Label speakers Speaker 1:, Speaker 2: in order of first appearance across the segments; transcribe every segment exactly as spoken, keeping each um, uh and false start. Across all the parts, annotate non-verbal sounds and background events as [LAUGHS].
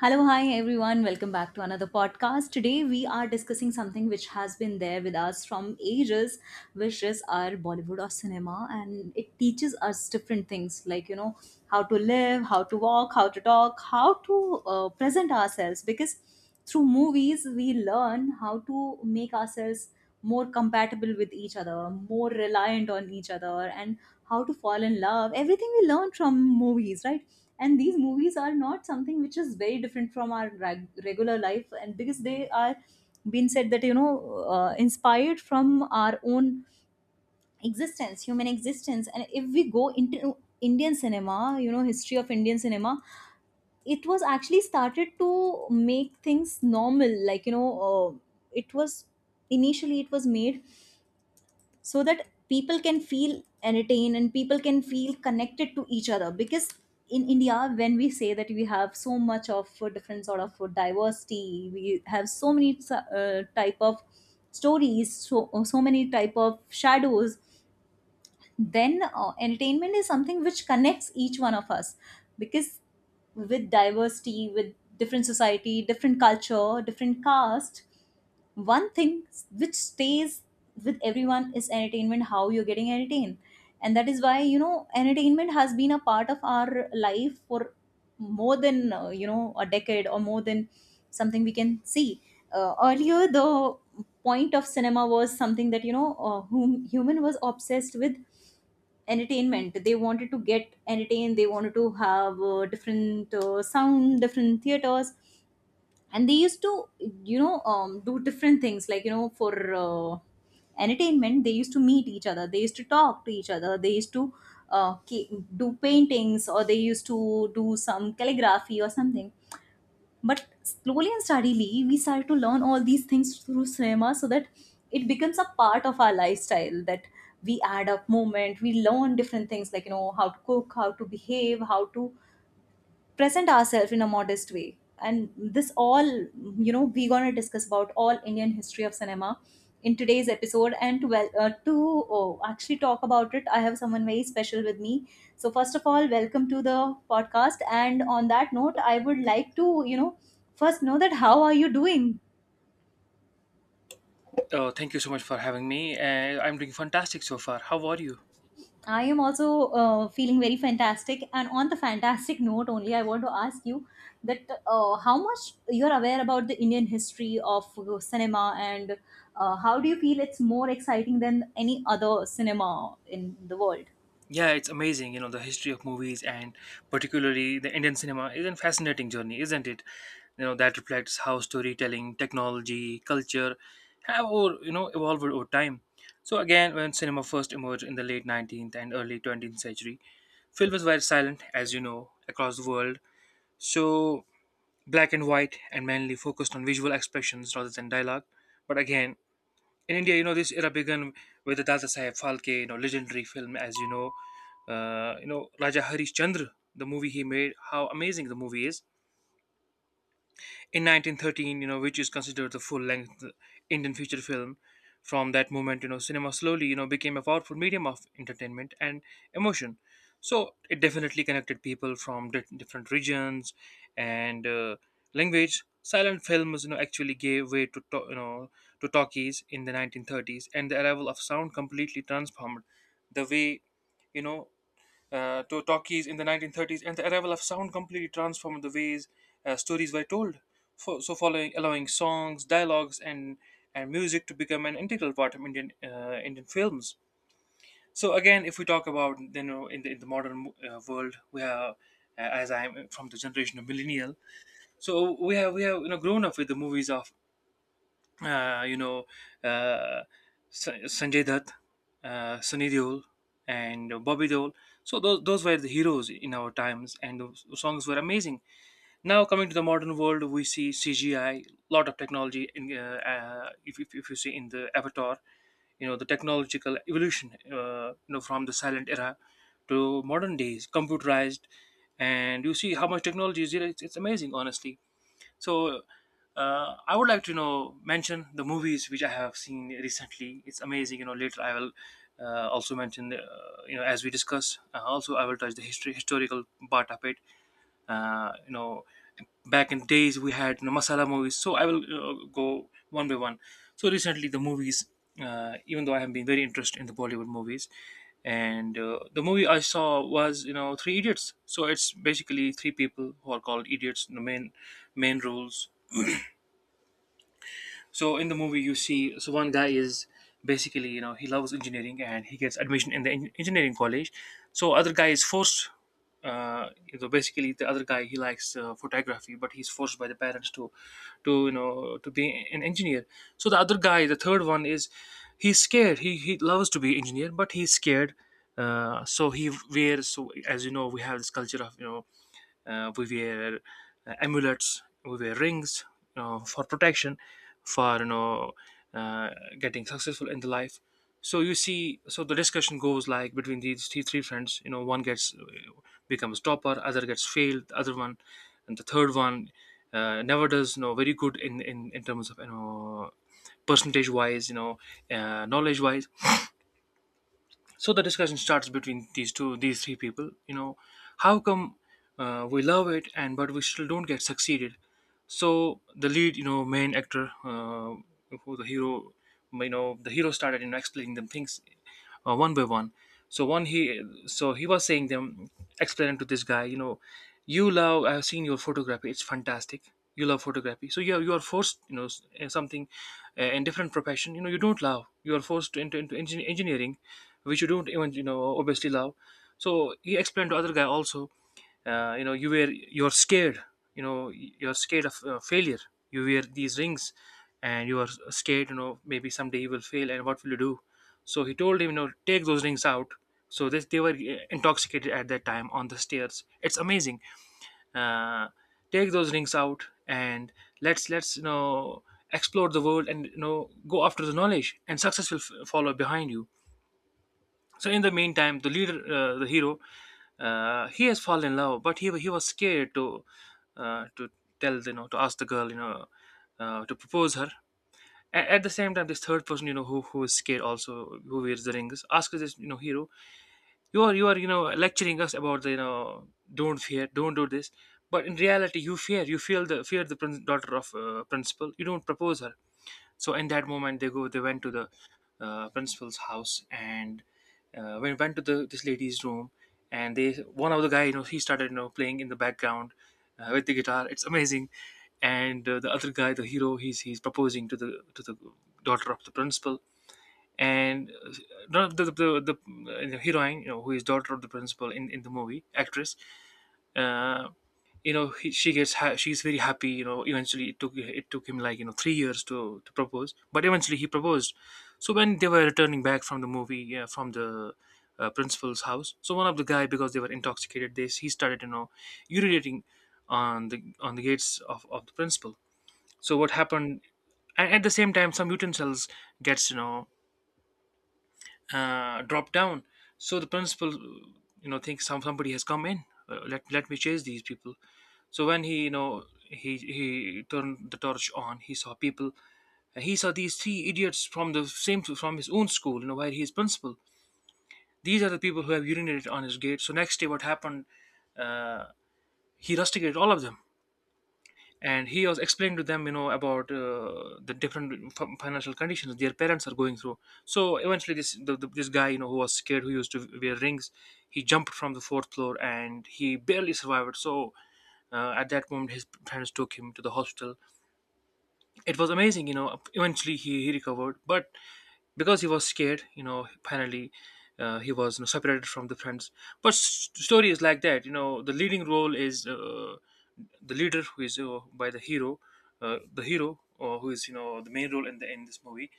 Speaker 1: Hello, hi everyone. Welcome back to another podcast. Today we are discussing something which has been there with us from ages, which is our Bollywood or cinema, and it teaches us different things like, you know, how to live, how to walk, how to talk, how to uh, present ourselves, because through movies we learn how to make ourselves more compatible with each other, more reliant on each other, and how to fall in love. Everything we learn from movies, right? And these movies are not something which is very different from our reg- regular life, and because they are, being said that, you know uh, inspired from our own existence, human existence. And if we go into Indian cinema, you know history of Indian cinema, it was actually started to make things normal, like you know uh, it was initially it was made, so that people can feel entertained and people can feel connected to each other. Because in India, when we say that we have so much of uh, different sort of uh, diversity, we have so many uh, type of stories, so so many type of shadows. Then uh, entertainment is something which connects each one of us. Because with diversity, with different society, different culture, different caste, one thing which stays with everyone is entertainment, how you're getting entertained. And that is why you know entertainment has been a part of our life for more than, uh, you know a decade or more than something we can see. Uh, earlier, the point of cinema was something that, you know uh, whom human was obsessed with entertainment. They wanted to get entertained, they wanted to have uh, different uh, sound, different theaters, and they used to, you know um, do different things like, you know for uh, entertainment, they used to meet each other, they used to talk to each other, they used to uh, ca- do paintings, or they used to do some calligraphy or something. But slowly and steadily, we start to learn all these things through cinema, so that it becomes a part of our lifestyle, that we add up movement, we learn different things, like, you know, how to cook, how to behave, how to present ourselves in a modest way. And this all, you know we're going to discuss about all Indian history of cinema in today's episode. And to well uh, to oh, actually talk about it, I have someone very special with me. So first of all, welcome to the podcast, and on that note, I would like to, you know first know that, how are you doing?
Speaker 2: Oh, thank you so much for having me. Uh, I'm doing fantastic so far. How are you?
Speaker 1: I am also uh, feeling very fantastic. And on the fantastic [LAUGHS] note, only I want to ask you that, uh, how much you are aware about the Indian history of uh, cinema, and uh, how do you feel it's more exciting than any other cinema in the world?
Speaker 2: Yeah, it's amazing. You know, the history of movies and particularly the Indian cinema is a fascinating journey, isn't it? You know, that reflects how storytelling, technology, culture have, or you know, evolved over time. So again, when cinema first emerged in the late nineteenth and early twentieth century, films were silent, as you know, across the world. So black and white and mainly focused on visual expressions rather than dialogue. But again, in India, you know, this era began with the Dada Saheb Phalke, you know, legendary film, as you know, uh, you know, Raja Harishchandra, the movie he made, how amazing the movie is in nineteen thirteen, you know, which is considered the full-length Indian feature film. From that moment, you know, cinema slowly, you know, became a powerful medium of entertainment and emotion. So it definitely connected people from di- different regions and uh, language. Silent films, you know, actually gave way to, to you know to talkies in the nineteen thirties, and the arrival of sound completely transformed the way you know uh, to talkies in the nineteen thirties, and the arrival of sound completely transformed the ways uh, stories were told. For, so, following allowing songs, dialogues, and and music to become an integral part of Indian uh, Indian films. So again, if we talk about you know in the in the modern uh, world, we have uh, as I'm from the generation of millennial, so we have we have you know grown up with the movies of uh, you know, uh, Sa- Sanjay Dutt, uh, Sunny Deol, and Bobby Deol. So those those were the heroes in our times, and those songs were amazing. Now coming to the modern world, we see C G I, lot of technology. In, uh, uh, if, if if you see in the Avatar, you know the technological evolution, uh, you know from the silent era to modern days, computerized, and you see how much technology is there. It's, it's amazing, honestly, so uh, I would like to you know mention the movies which I have seen recently. It's amazing. You know, later I will uh, also mention the, uh, you know as we discuss. Uh, also, I will touch the history historical part of it, uh, you know, back in days we had you know, masala movies. So I will uh, go one by one. So recently the movies, uh, even though I have been very interested in the Bollywood movies, and uh, the movie I saw was you know Three Idiots. So it's basically three people who are called idiots, the main main roles. So in the movie, you see, so one guy is basically, you know, he loves engineering and he gets admission in the en- engineering college. So other guy is forced. Uh, so basically, the other guy he likes uh, photography, but he's forced by the parents to, to you know, to be an engineer. So the other guy, the third one, is he's scared. He he loves to be engineer, but he's scared. Uh, so he wears. So as you know, we have this culture of you know uh, we wear uh, amulets, we wear rings, you know, for protection, for you know, uh, getting successful in the life. So you see, so the discussion goes like between these three, three friends. You know, one gets uh, becomes topper, other gets failed, the other one and the third one uh, never does you know very good in in, in terms of you know percentage wise, you know, uh, knowledge wise. So the discussion starts between these two these three people. You know, how come uh, we love it and but we still don't get succeeded? So the lead, you know, main actor, uh, who, the hero, you know, the hero started you know explaining them things uh, one by one. So one he so he was saying them, explaining to this guy, you know, you love, I've seen your photography. It's fantastic. You love photography. So you are, you are forced, you know, s- in something, uh, in different profession. You know, you don't love. You are forced to, into, into, engin- engineering, which you don't even you know obviously love. So he explained to other guy also, uh, you know, you were you're scared, you know you're scared of uh, failure, you wear these rings, and you are scared, you know, maybe someday you will fail and what will you do. So he told him, you know, take those rings out. So this, they were uh, intoxicated at that time on the stairs. It's amazing. Uh, take those rings out and let's let's you know explore the world, and you know go after the knowledge and success will f- follow behind you. So in the meantime, the leader, uh, the hero, uh, he has fallen in love, but he he was scared to uh, to tell, you know, to ask the girl, you know, uh, to propose her. A- at the same time, this third person, you know, who who is scared also, who wears the rings, asks this, you know, hero, you are you are you know lecturing us about the, you know, don't fear, don't do this. But in reality, you fear. You feel the fear, the prin- daughter of uh, principal. You don't propose her. So in that moment, they go they went to the uh, principal's house, and uh, when went to the this lady's room, and they, one of the guy, you know, he started you know playing in the background uh, with the guitar. It's amazing. And uh, the other guy, the hero, he's he's proposing to the to the daughter of the principal. And uh, no, the, the, the, the, uh, heroine, you know, who is daughter of the principal in, in the movie actress, uh, you know, he, she gets ha- she's very happy, you know, eventually it took, it took him like, you know, three years to to propose, but eventually he proposed. So when they were returning back from the movie, yeah, from the uh, principal's house, so one of the guy, because they were intoxicated, they he started you know urinating on the on the gates of, of the principal. So what happened? And at the same time, some mutant cells gets, you know, uh, drop down. So the principal, you know, thinks some somebody has come in. Uh, let let me chase these people. So when he, you know, he he turned the torch on, he saw people. And he saw these three idiots from the same from his own school, you know, where he is principal. These are the people who have urinated on his gate. So next day, what happened? Uh, he rusticated all of them, and he was explaining to them, you know, about uh, the different f- financial conditions their parents are going through. So eventually this, the, the, this guy, you know, who was scared, who used to wear rings, he jumped from the fourth floor and he barely survived. So uh, at that moment, his parents took him to the hospital. It was amazing, you know, eventually he, he recovered, but because he was scared, you know, finally, uh, he was, you know, separated from the friends. But s- story is like that, you know, the leading role is, uh, the leader who is, uh, by the hero, uh, the hero or who is you know the main role in the in this movie,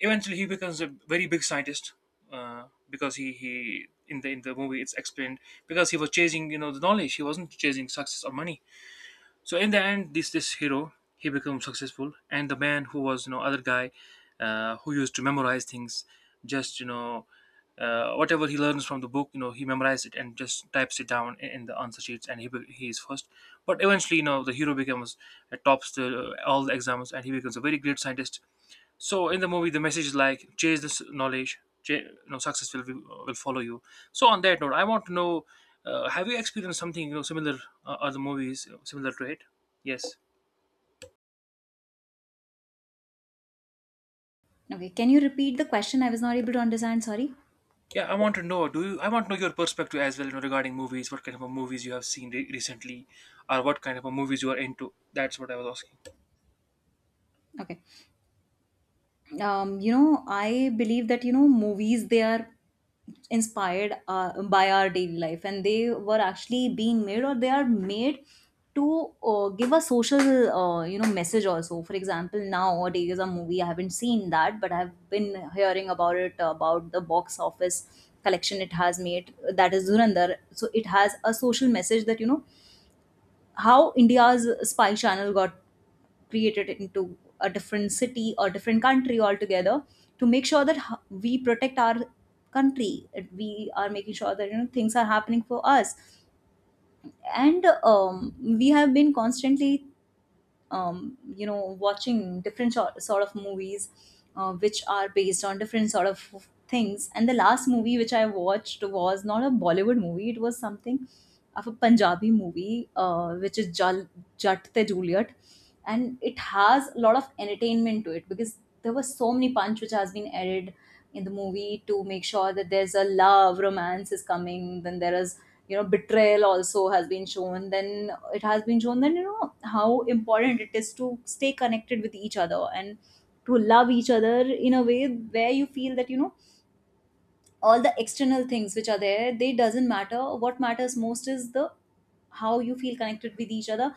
Speaker 2: eventually he becomes a very big scientist. Uh, because he he in the in the movie it's explained, because he was chasing you know the knowledge, he wasn't chasing success or money. So in the end, this this hero he becomes successful, and the man who was you know other guy, uh, who used to memorize things, just you know uh, whatever he learns from the book, you know, he memorized it and just types it down in, in the answer sheets, and he be- he is first. But eventually, you know, the hero becomes uh, tops the, all the exams, and he becomes a very great scientist. So in the movie, the message is like chase this knowledge, chase, you success will, be- will follow you. So on that note, I want to know, uh, have you experienced something you know similar, uh, other movies uh, similar to it? Yes.
Speaker 1: Okay, can you repeat the question? I was not able to understand. Sorry.
Speaker 2: Yeah, I want to know. Do you? I want to know your perspective as well, you know, regarding movies. What kind of a movies you have seen re- recently, or what kind of a movies you are into? That's what I was asking.
Speaker 1: Okay. um, you know, I believe that, you know, movies, they are inspired uh, by our daily life, and they were actually being made, or they are made to uh, give a social, uh, you know, message also. For example, nowadays a movie, I haven't seen that, but I've been hearing about it, about the box office collection it has made, that is Dhurandhar. So it has a social message, that, you know, how India's spy channel got created into a different city or different country altogether, to make sure that ho- we protect our country, that we are making sure that, you know things are happening for us. And um, we have been constantly, um, you know watching different sort, sort of movies, uh, which are based on different sort of things. And the last movie which I watched was not a Bollywood movie, it was something of a Punjabi movie, uh, which is Jal, Jat Te Juliet, and it has a lot of entertainment to it, because there was so many punch which has been added in the movie to make sure that there's a love romance is coming, then there is, you know betrayal also has been shown. Then it has been shown that, you know how important it is to stay connected with each other and to love each other in a way where you feel that, you know all the external things which are there, they doesn't matter. What matters most is the, how you feel connected with each other.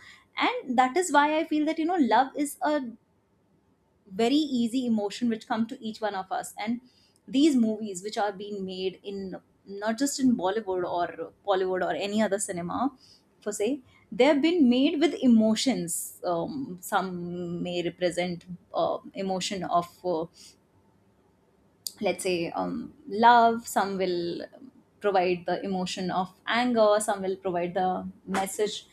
Speaker 1: And that is why I feel that, you know love is a very easy emotion which come to each one of us. And these movies which are being made in, not just in Bollywood, or bollywood or any other cinema, for say, they have been made with emotions. Um, some may represent uh, emotion of, uh, let's say, um, love. Some will provide the emotion of anger. Some will provide the message,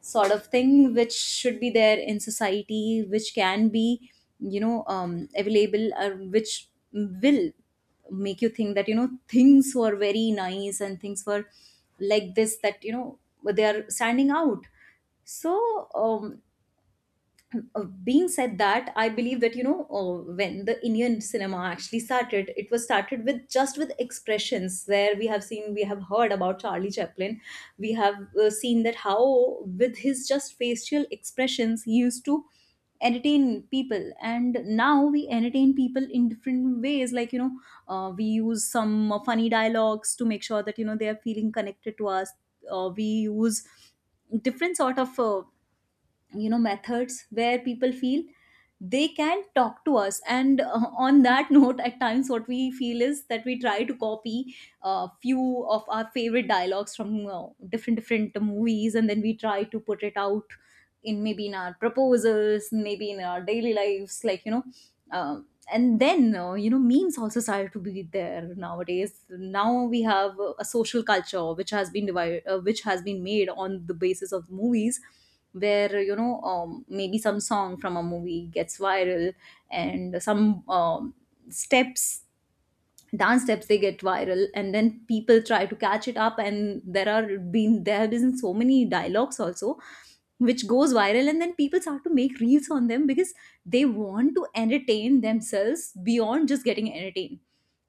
Speaker 1: sort of thing which should be there in society, which can be, you know um, available, or which will make you think that, you know things were very nice, and things were like this, that, you know they are standing out. So, um, uh, being said that, I believe that, you know uh, when the Indian cinema actually started, it was started with just with expressions, where we have seen we have heard about Charlie Chaplin. We have uh, seen that how, with his just facial expressions, he used to entertain people. And now we entertain people in different ways, like, you know uh, we use some uh, funny dialogues to make sure that, you know they are feeling connected to us. Uh, we use different sort of, uh, you know methods where people feel they can talk to us. And uh, on that [LAUGHS] note, at times what we feel is that we try to copy a few of our favorite dialogues from uh, different different movies, and then we try to put it out in, maybe in our proposals, maybe in our daily lives, like, you know um, and then, uh, you know memes also started to be there nowadays. Now we have a social culture which has been divided, uh, which has been made on the basis of movies, where, you know um, maybe some song from a movie gets viral, and some, um, steps dance steps, they get viral, and then people try to catch it up. And there are been there have been so many dialogues also which goes viral, and then people start to make reels on them, because they want to entertain themselves beyond just getting entertained.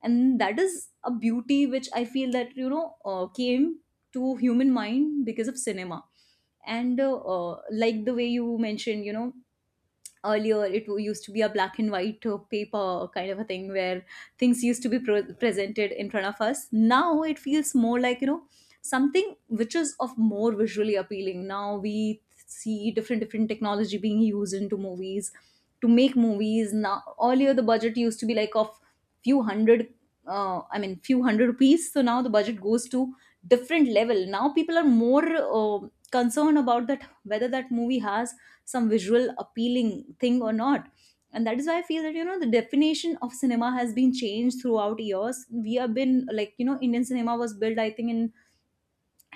Speaker 1: And that is a beauty which I feel that, you know uh, came to human mind because of cinema. And, uh, uh, like the way you mentioned, you know earlier it w- used to be a black and white uh, paper kind of a thing, where things used to be pro- presented in front of us. Now it feels more like, you know something which is of more visually appealing. Now we see different different technology being used into movies to make movies. Now earlier the budget used to be like of few hundred, uh, I mean, few hundred rupees. So now the budget goes to different level. Now people are more uh, concerned about that whether that movie has some visual appealing thing or not. And that is why I feel that, you know the definition of cinema has been changed throughout years. We have been, like you know Indian cinema was built, I think, in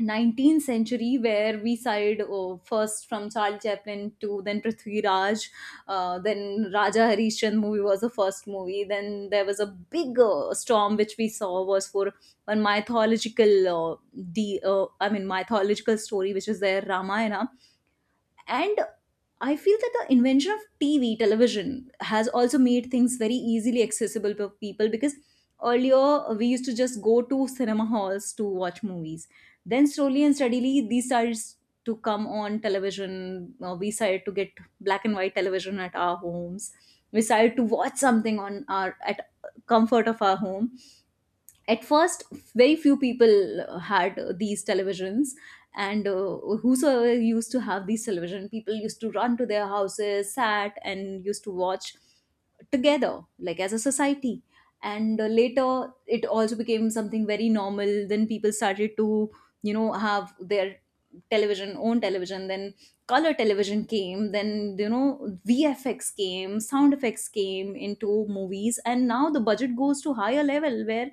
Speaker 1: nineteenth century, where we side, oh, first from charles chaplin to then Prithvi Raj. Uh, then Raja Harishchand movie was the first movie. Then there was a big uh, storm which we saw was for one mythological, uh, the uh, I mean, mythological story which is there, Ramayana. And I feel that the invention of T V, television, has also made things very easily accessible for people, because earlier we used to just go to cinema halls to watch movies. Then slowly and steadily these started to come on television. Uh, we started to get black and white television at our homes. We started to watch something on our at comfort of our home at first. Very few people uh, had uh, these televisions, and uh, whosoever used to have these television, people used to run to their houses, sat and used to watch together like as a society. And uh, later it also became something very normal. Then people started to, you know have their television own television. Then color television came. Then, you know V F X came, sound effects came into movies. And now the budget goes to higher level, where,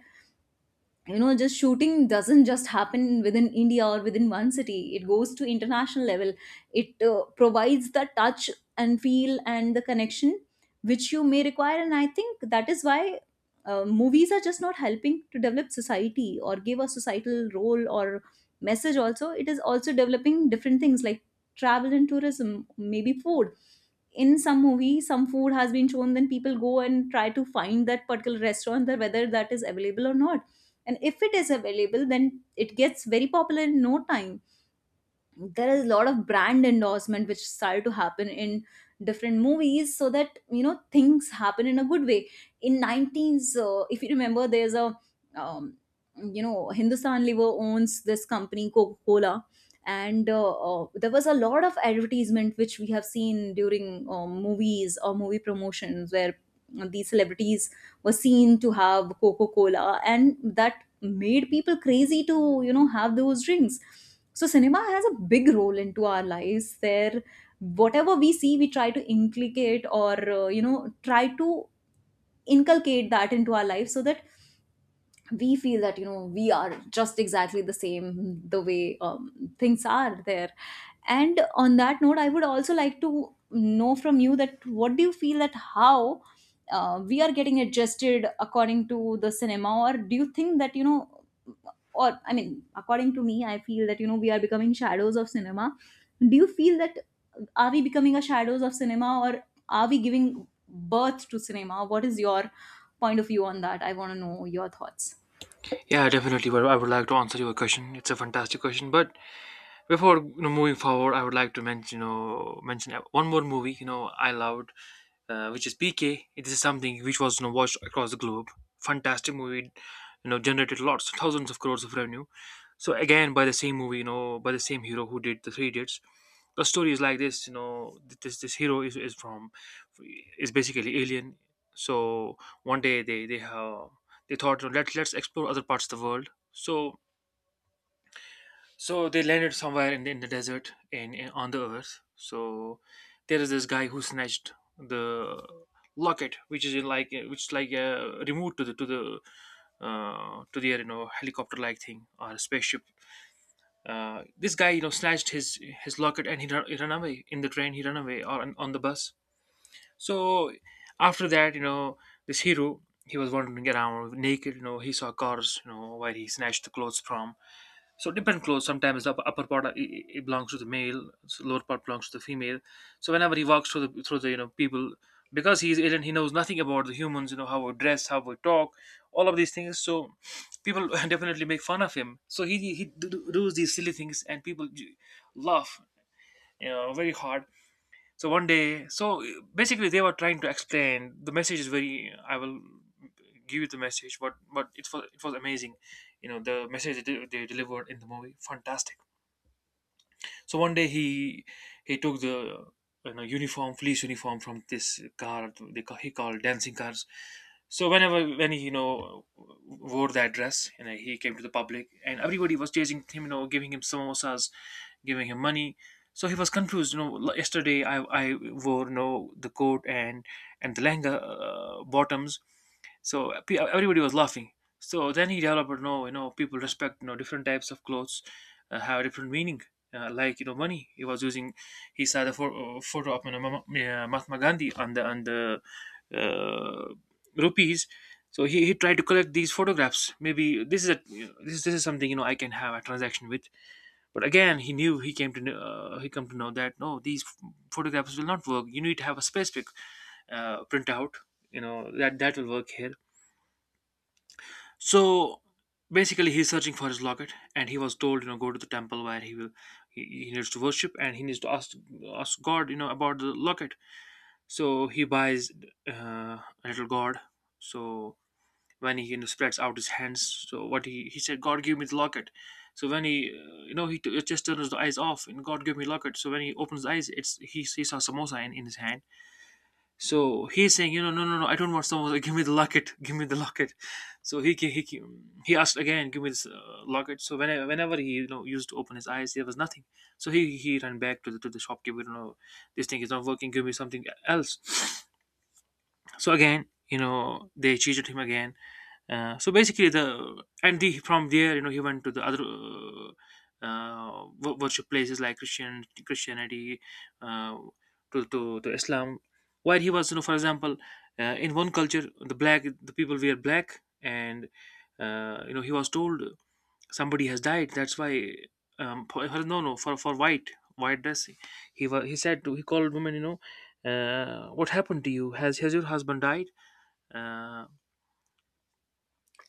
Speaker 1: you know just shooting doesn't just happen within India or within one city, it goes to international level. It uh, provides the touch and feel and the connection which you may require. And I think that is why uh, movies are Just not helping to develop society or give a societal role or message. Also, it is also developing different things like travel and tourism, maybe food. In some movie, some food has been shown, then people go and try to find that particular restaurant, that whether that is available or not, and if it is available, then it gets very popular in no time. There is a lot of brand endorsement which started to happen in different movies so that you know things happen in a good way. In nineteens, uh, if you remember, there's a um, you know Hindustan Lever owns this company Coca-Cola. And uh, uh, there was a lot of advertisement which we have seen during um, movies or movie promotions where uh, these celebrities were seen to have Coca-Cola, and that made people crazy to you know have those drinks. So cinema has a big role into our lives there. Whatever we see, we try to inculcate or uh, you know try to inculcate that into our life so that we feel that you know we are just exactly the same the way um, things are there. And on that note, I would also like to know from you that what do you feel, that how uh, we are getting adjusted according to the cinema, or do you think that you know, or I mean, according to me, I feel that you know we are becoming shadows of cinema. Do you feel that uh, are we becoming a shadows of cinema, or are we giving birth to cinema? What is your point of view on that? I want to know your thoughts.
Speaker 2: Yeah, definitely. But I would like to answer your question. It's a fantastic question. But before you know, moving forward, I would like to mention, you know, mention one more movie. You know, I loved. uh, which is P K. It is something which was, you know, watched across the globe. Fantastic movie, you know, generated lots, thousands of crores of revenue. So again, by the same movie, you know, by the same hero who did the Three Idiots. The story is like this, you know, th- this this hero is, is from is basically alien. So one day they they have they thought, you know, let let's explore other parts of the world. So so they landed somewhere in, in the desert in, in on the earth. So there is this guy who snatched the locket, which is in like which is like uh, removed to the to the uh, to the you know helicopter like thing or spaceship. Uh, this guy, you know, snatched his his locket and he run, he run away in the train. He run away or on, on the bus. So after that, you know, this hero he was wandering around naked. You know, he saw cars. You know, where he snatched the clothes from. So different clothes. Sometimes the upper, upper part uh, it, it belongs to the male, so lower part belongs to the female. So whenever he walks through the through the you know people, because he's alien, he knows nothing about the humans. You know how we dress, how we talk, all of these things. So people [LAUGHS] definitely make fun of him. So he he do, do- does these silly things, and people j- laugh, you know, very hard. So one day, so uh, basically they were trying to explain the message is very. I will give you the message, but but it was it was amazing, you know the message they, they delivered in the movie, fantastic. So one day he he took the, you know, uniform, police uniform from this car they ca- he called dancing cars. So whenever when he, you know, wore that dress, you know, he came to the public and everybody was chasing him, you know, giving him samosas, giving him money. So he was confused. You know, l- yesterday I I wore, you know, the coat and and the lehenga uh, bottoms, so pe- everybody was laughing. So then he developed, no, you know, people respect, you know, different types of clothes uh, have different meaning. Uh, like, you know, money. He was using. He saw the pho- uh, photo of, you know, Mama- yeah, Mahatma Gandhi on the on the uh, rupees. So he, he tried to collect these photographs. Maybe this is a this this is something, you know, I can have a transaction with. But again, he knew he came to kn- uh, he come to know that no, these ph- photographs will not work. You need to have a specific uh, printout. You know that that will work here. So basically, he's searching for his locket, and he was told, you know, go to the temple where he will he, he needs to worship, and he needs to ask ask God, you know, about the locket. So he buys uh, a little god. So when he, you know, spreads out his hands, so what he he said, God give me the locket. So when he, uh, you know, he t- just turns the eyes off, and God give me locket. So when he opens the eyes, it's he, he saw samosa in, in his hand, so he's saying, you know, no, no, no, I don't want someone. Give me the locket. [LAUGHS] Give me the locket. So he ca- he ca- he asked again, give me this uh, locket. So whenever whenever he, you know, used to open his eyes, there was nothing. So he he ran back to the to the shopkeeper. You know, this thing is not working. Give me something else. [SNIFFS] So again, you know, they cheated him again. Uh, so basically, the and the from there, you know, he went to the other uh, uh, wo- worship places like Christian Christianity uh, to, to to Islam. While he was, you know, for example, uh, in one culture, the black the people wear black, and uh, you know, he was told somebody has died. That's why, um, for, for- no no for for white white dress. He was he said to, he called women, you know, uh, what happened to you? Has has your husband died? Uh,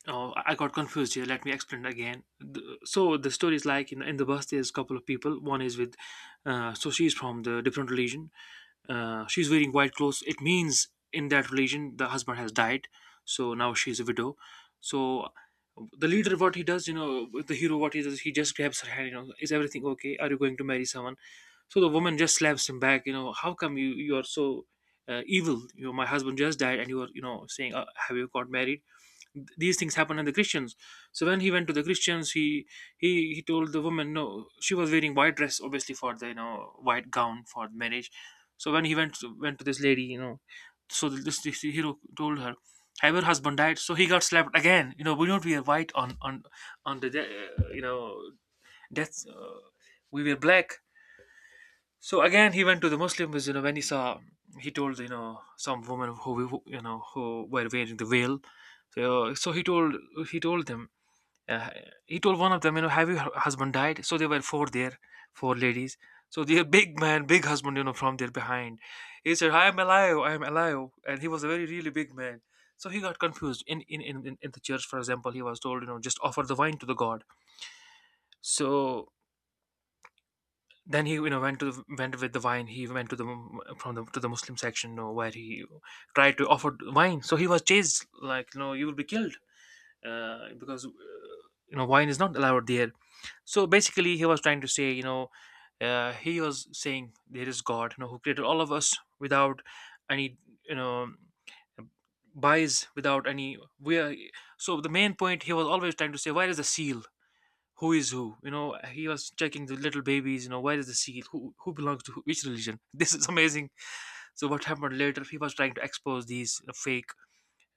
Speaker 2: Oh, I got confused here. Let me explain again. The- So the story is like in, in the bus. There's a couple of people. One is with, uh, so she's from the different religion. Uh, she's wearing white clothes. It means in that religion the husband has died, so now she's a widow. So the leader, what he does, you know, the hero, what he does, he just grabs her hand. You know, is everything okay? Are you going to marry someone? So the woman just slaps him back. You know, how come you you are so uh, evil? You know, my husband just died, and you are, you know, saying, uh, have you got married? Th- these things happen in the christians. So when he went to the christians, he he he told the woman no, she was wearing white dress obviously for the, you know, white gown for marriage. So when he went to, went to this lady, you know, so this, this hero told her, have your husband died? So he got slapped again. You know, we don't wear white on on on the de- uh, you know, death, uh, we wear black. So again, he went to the Muslim because, you know, when he saw, he told, you know, some woman who who, you know, who were wearing the veil. So so he told he told them, uh, he told one of them, you know, have your husband died? So there were four there, four ladies. So the big man, big husband, you know, from there behind, he said, "I am alive, I am alive," and he was a very really big man. So he got confused. In in in in in the church, for example, he was told, you know, just offer the wine to the god. So then he, you know, went to the, went with the wine he went to the from the to the muslim section, you know, where he tried to offer wine, so he was chased like, you know, you will be killed, uh, because uh, you know wine is not allowed there. So basically he was trying to say, you know, uh, he was saying there is god, you know, who created all of us without any, you know, bias, without any, we are, so the main point he was always trying to say, where is the seal? Who is who? You know, he was checking the little babies. You know, where is the seal? Who who belongs to who, which religion? [LAUGHS] This is amazing. So what happened later? He was trying to expose these, you know, fake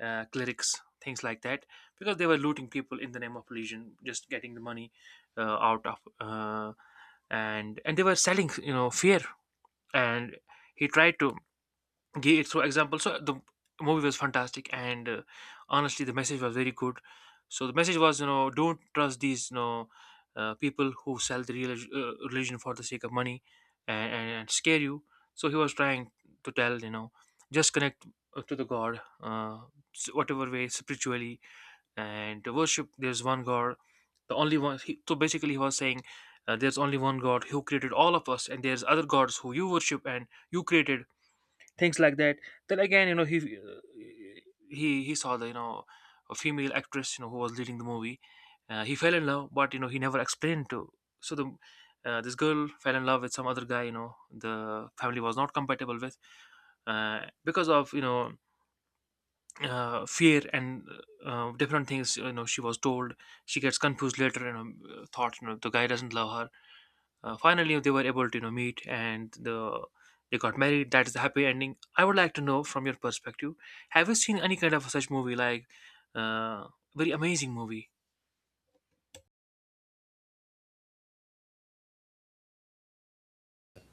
Speaker 2: uh, clerics, things like that, because they were looting people in the name of religion, just getting the money, uh, out of, uh, and and they were selling, you know, fear. And he tried to gave it through example. So the movie was fantastic, and uh, honestly, the message was very good. So the message was, you know, don't trust these, you know, uh, people who sell the relig- uh, religion for the sake of money and, and, and scare you. So he was trying to tell, you know, just connect uh, to the God, uh, s- whatever way spiritually, and to worship. There's one God, the only one. He, so basically, he was saying. Uh, there's only one God who created all of us, and there's other gods who you worship and you created things like that. Then again, you know, he he he saw the, you know, a female actress, you know, who was leading the movie. Uh, he fell in love but, you know, he never explained to, so the uh, this girl fell in love with some other guy, you know, the family was not compatible with, uh, because of, you know, uh, fear and uh, different things, you know, she was told, she gets confused later and you know thought, you know, the guy doesn't love her. Uh, finally they were able to, you know, meet, and the they got married. That is the happy ending. I would like to know from your perspective, have you seen any kind of such movie like, uh, very amazing movie?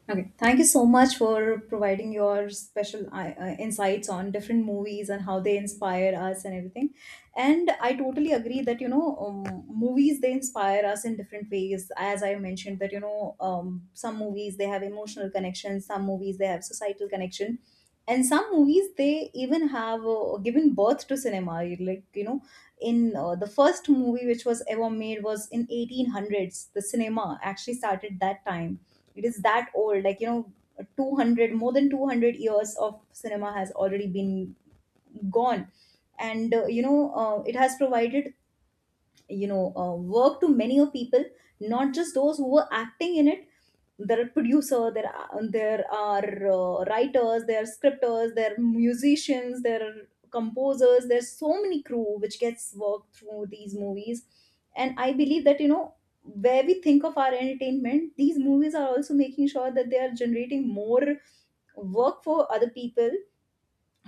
Speaker 1: Okay, thank you so much for providing your special uh, uh, insights on different movies and how they inspire us and everything. And I totally agree that you know um, movies, they inspire us in different ways. As I mentioned that you know um, some movies they have emotional connections, some movies they have societal connection, and some movies they even have uh, given birth to cinema. You- like you know in uh, the first movie which was ever made was in eighteen hundreds. The cinema actually started that time. It is that old, like you know two hundred, more than two hundred years of cinema has already been gone. And uh, you know uh, it has provided you know uh, work to many of people, not just those who were acting in it. There are producer, there are, there are uh, writers, there are scripters, there are musicians, there are composers, there's so many crew which gets worked through these movies. And I believe that you know where we think of our entertainment, these movies are also making sure that they are generating more work for other people,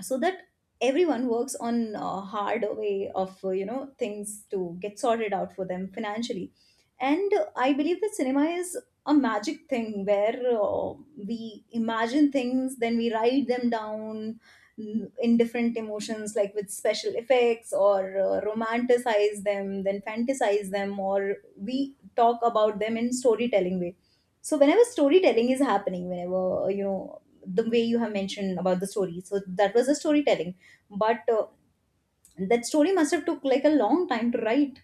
Speaker 1: so that everyone works on a hard way of uh, you know things to get sorted out for them financially. And uh, I believe that cinema is a magic thing where uh, we imagine things, then we write them down, mm, in different emotions like with special effects, or uh, romanticize them, then fantasize them, or we talk about them in storytelling way. So whenever storytelling is happening, whenever you know the way you have mentioned about the story, so that was the storytelling. But uh, that story must have took like a long time to write.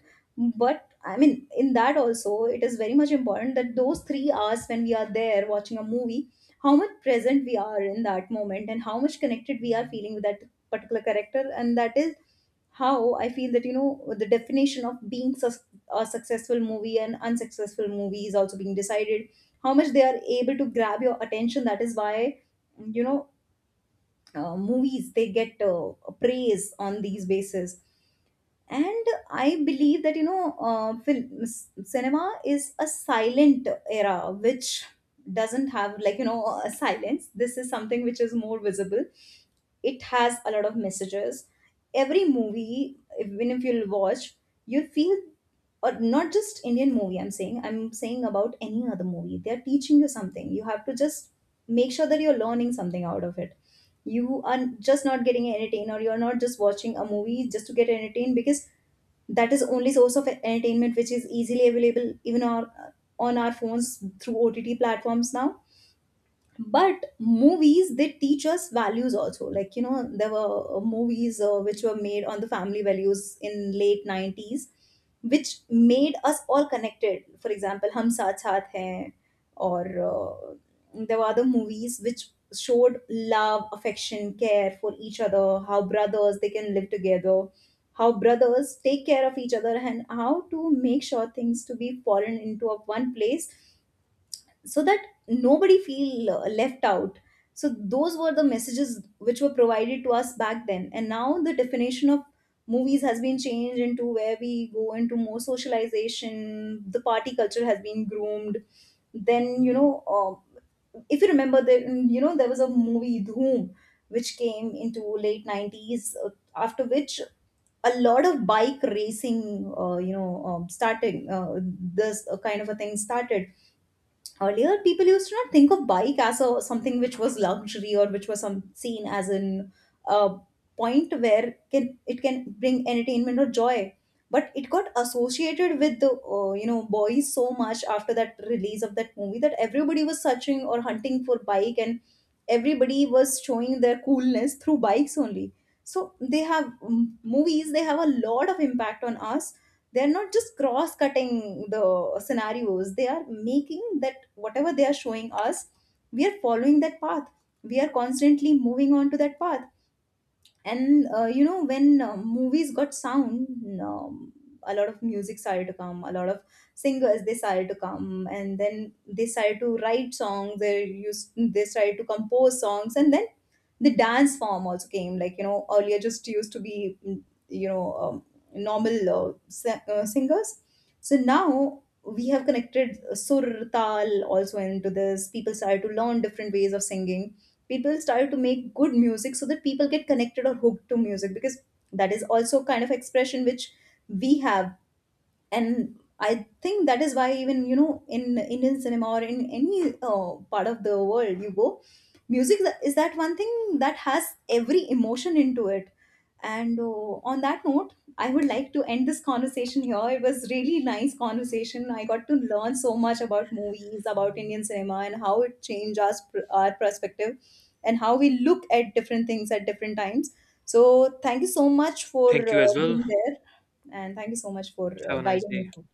Speaker 1: But I mean, in that also it is very much important that those three hours when we are there watching a movie, how much present we are in that moment and how much connected we are feeling with that particular character. And that is how I feel that you know the definition of being sus- a successful movie and unsuccessful movie is also being decided, how much they are able to grab your attention. That is why you know uh, movies, they get uh, praise on these bases. And I believe that you know uh, film, cinema is a silent era which doesn't have like you know a silence. This is something which is more visible. It has a lot of messages. Every movie, even if you'll watch, you'll feel, or not just Indian movie, I'm saying i'm saying about any other movie, they're teaching you something. You have to just make sure that you're learning something out of it. You are just not getting entertained or you're not just watching a movie just to get entertained, because that is only source of entertainment which is easily available, even on, on our phones through OTT platforms now. But movies, they teach us values also, like you know there were uh, movies uh, which were made on the family values in late nineties, which made us all connected, for example, Hum Saath Saath Hain, or uh, there were other movies which showed love, affection, care for each other, how brothers they can live together, how brothers take care of each other, and how to make sure things to be fallen into a one place so that nobody feel uh, left out. So those were the messages which were provided to us back then, and now the definition of movies has been changed into where we go into more socialization, the party culture has been groomed. Then you know uh, if you remember that you know there was a movie Dhoom which came into late nineties, uh, after which a lot of bike racing, uh, you know um, starting uh, this uh, kind of a thing started. Earlier, people used to not think of bike as a something which was luxury, or which was some seen as an uh, point where can it, can bring entertainment or joy. But it got associated with the uh, you know boys so much after that release of that movie that everybody was searching or hunting for bike, and everybody was showing their coolness through bikes only. So they have, mm, movies, they have a lot of impact on us. They're not just cross cutting the scenarios, they are making that whatever they are showing us, we are following that path, we are constantly moving on to that path. And uh, you know when uh, movies got sound, um, a lot of music started to come, a lot of singers they started to come, and then they started to write songs, they used they started to compose songs, and then the dance form also came, like you know earlier just used to be mm, you know um, normal uh, si- uh, singers. So now we have connected sur, tal also into this. People started to learn different ways of singing, people started to make good music so that people get connected or hooked to music, because that is also kind of expression which we have. And I think that is why, even you know in Indian cinema or in any uh, part of the world you go, music tha- is that one thing that has every emotion into it. And uh, on that note, I would like to end this conversation here. It was really nice conversation. I got to learn so much about movies, about Indian cinema, and how it changed us, our perspective, and how we look at different things at different times. So thank you so much for
Speaker 2: Thank
Speaker 1: uh,
Speaker 2: you as well.
Speaker 1: being there, and thank you so much for uh,
Speaker 2: Have a nice
Speaker 1: guiding me
Speaker 2: day.
Speaker 1: through.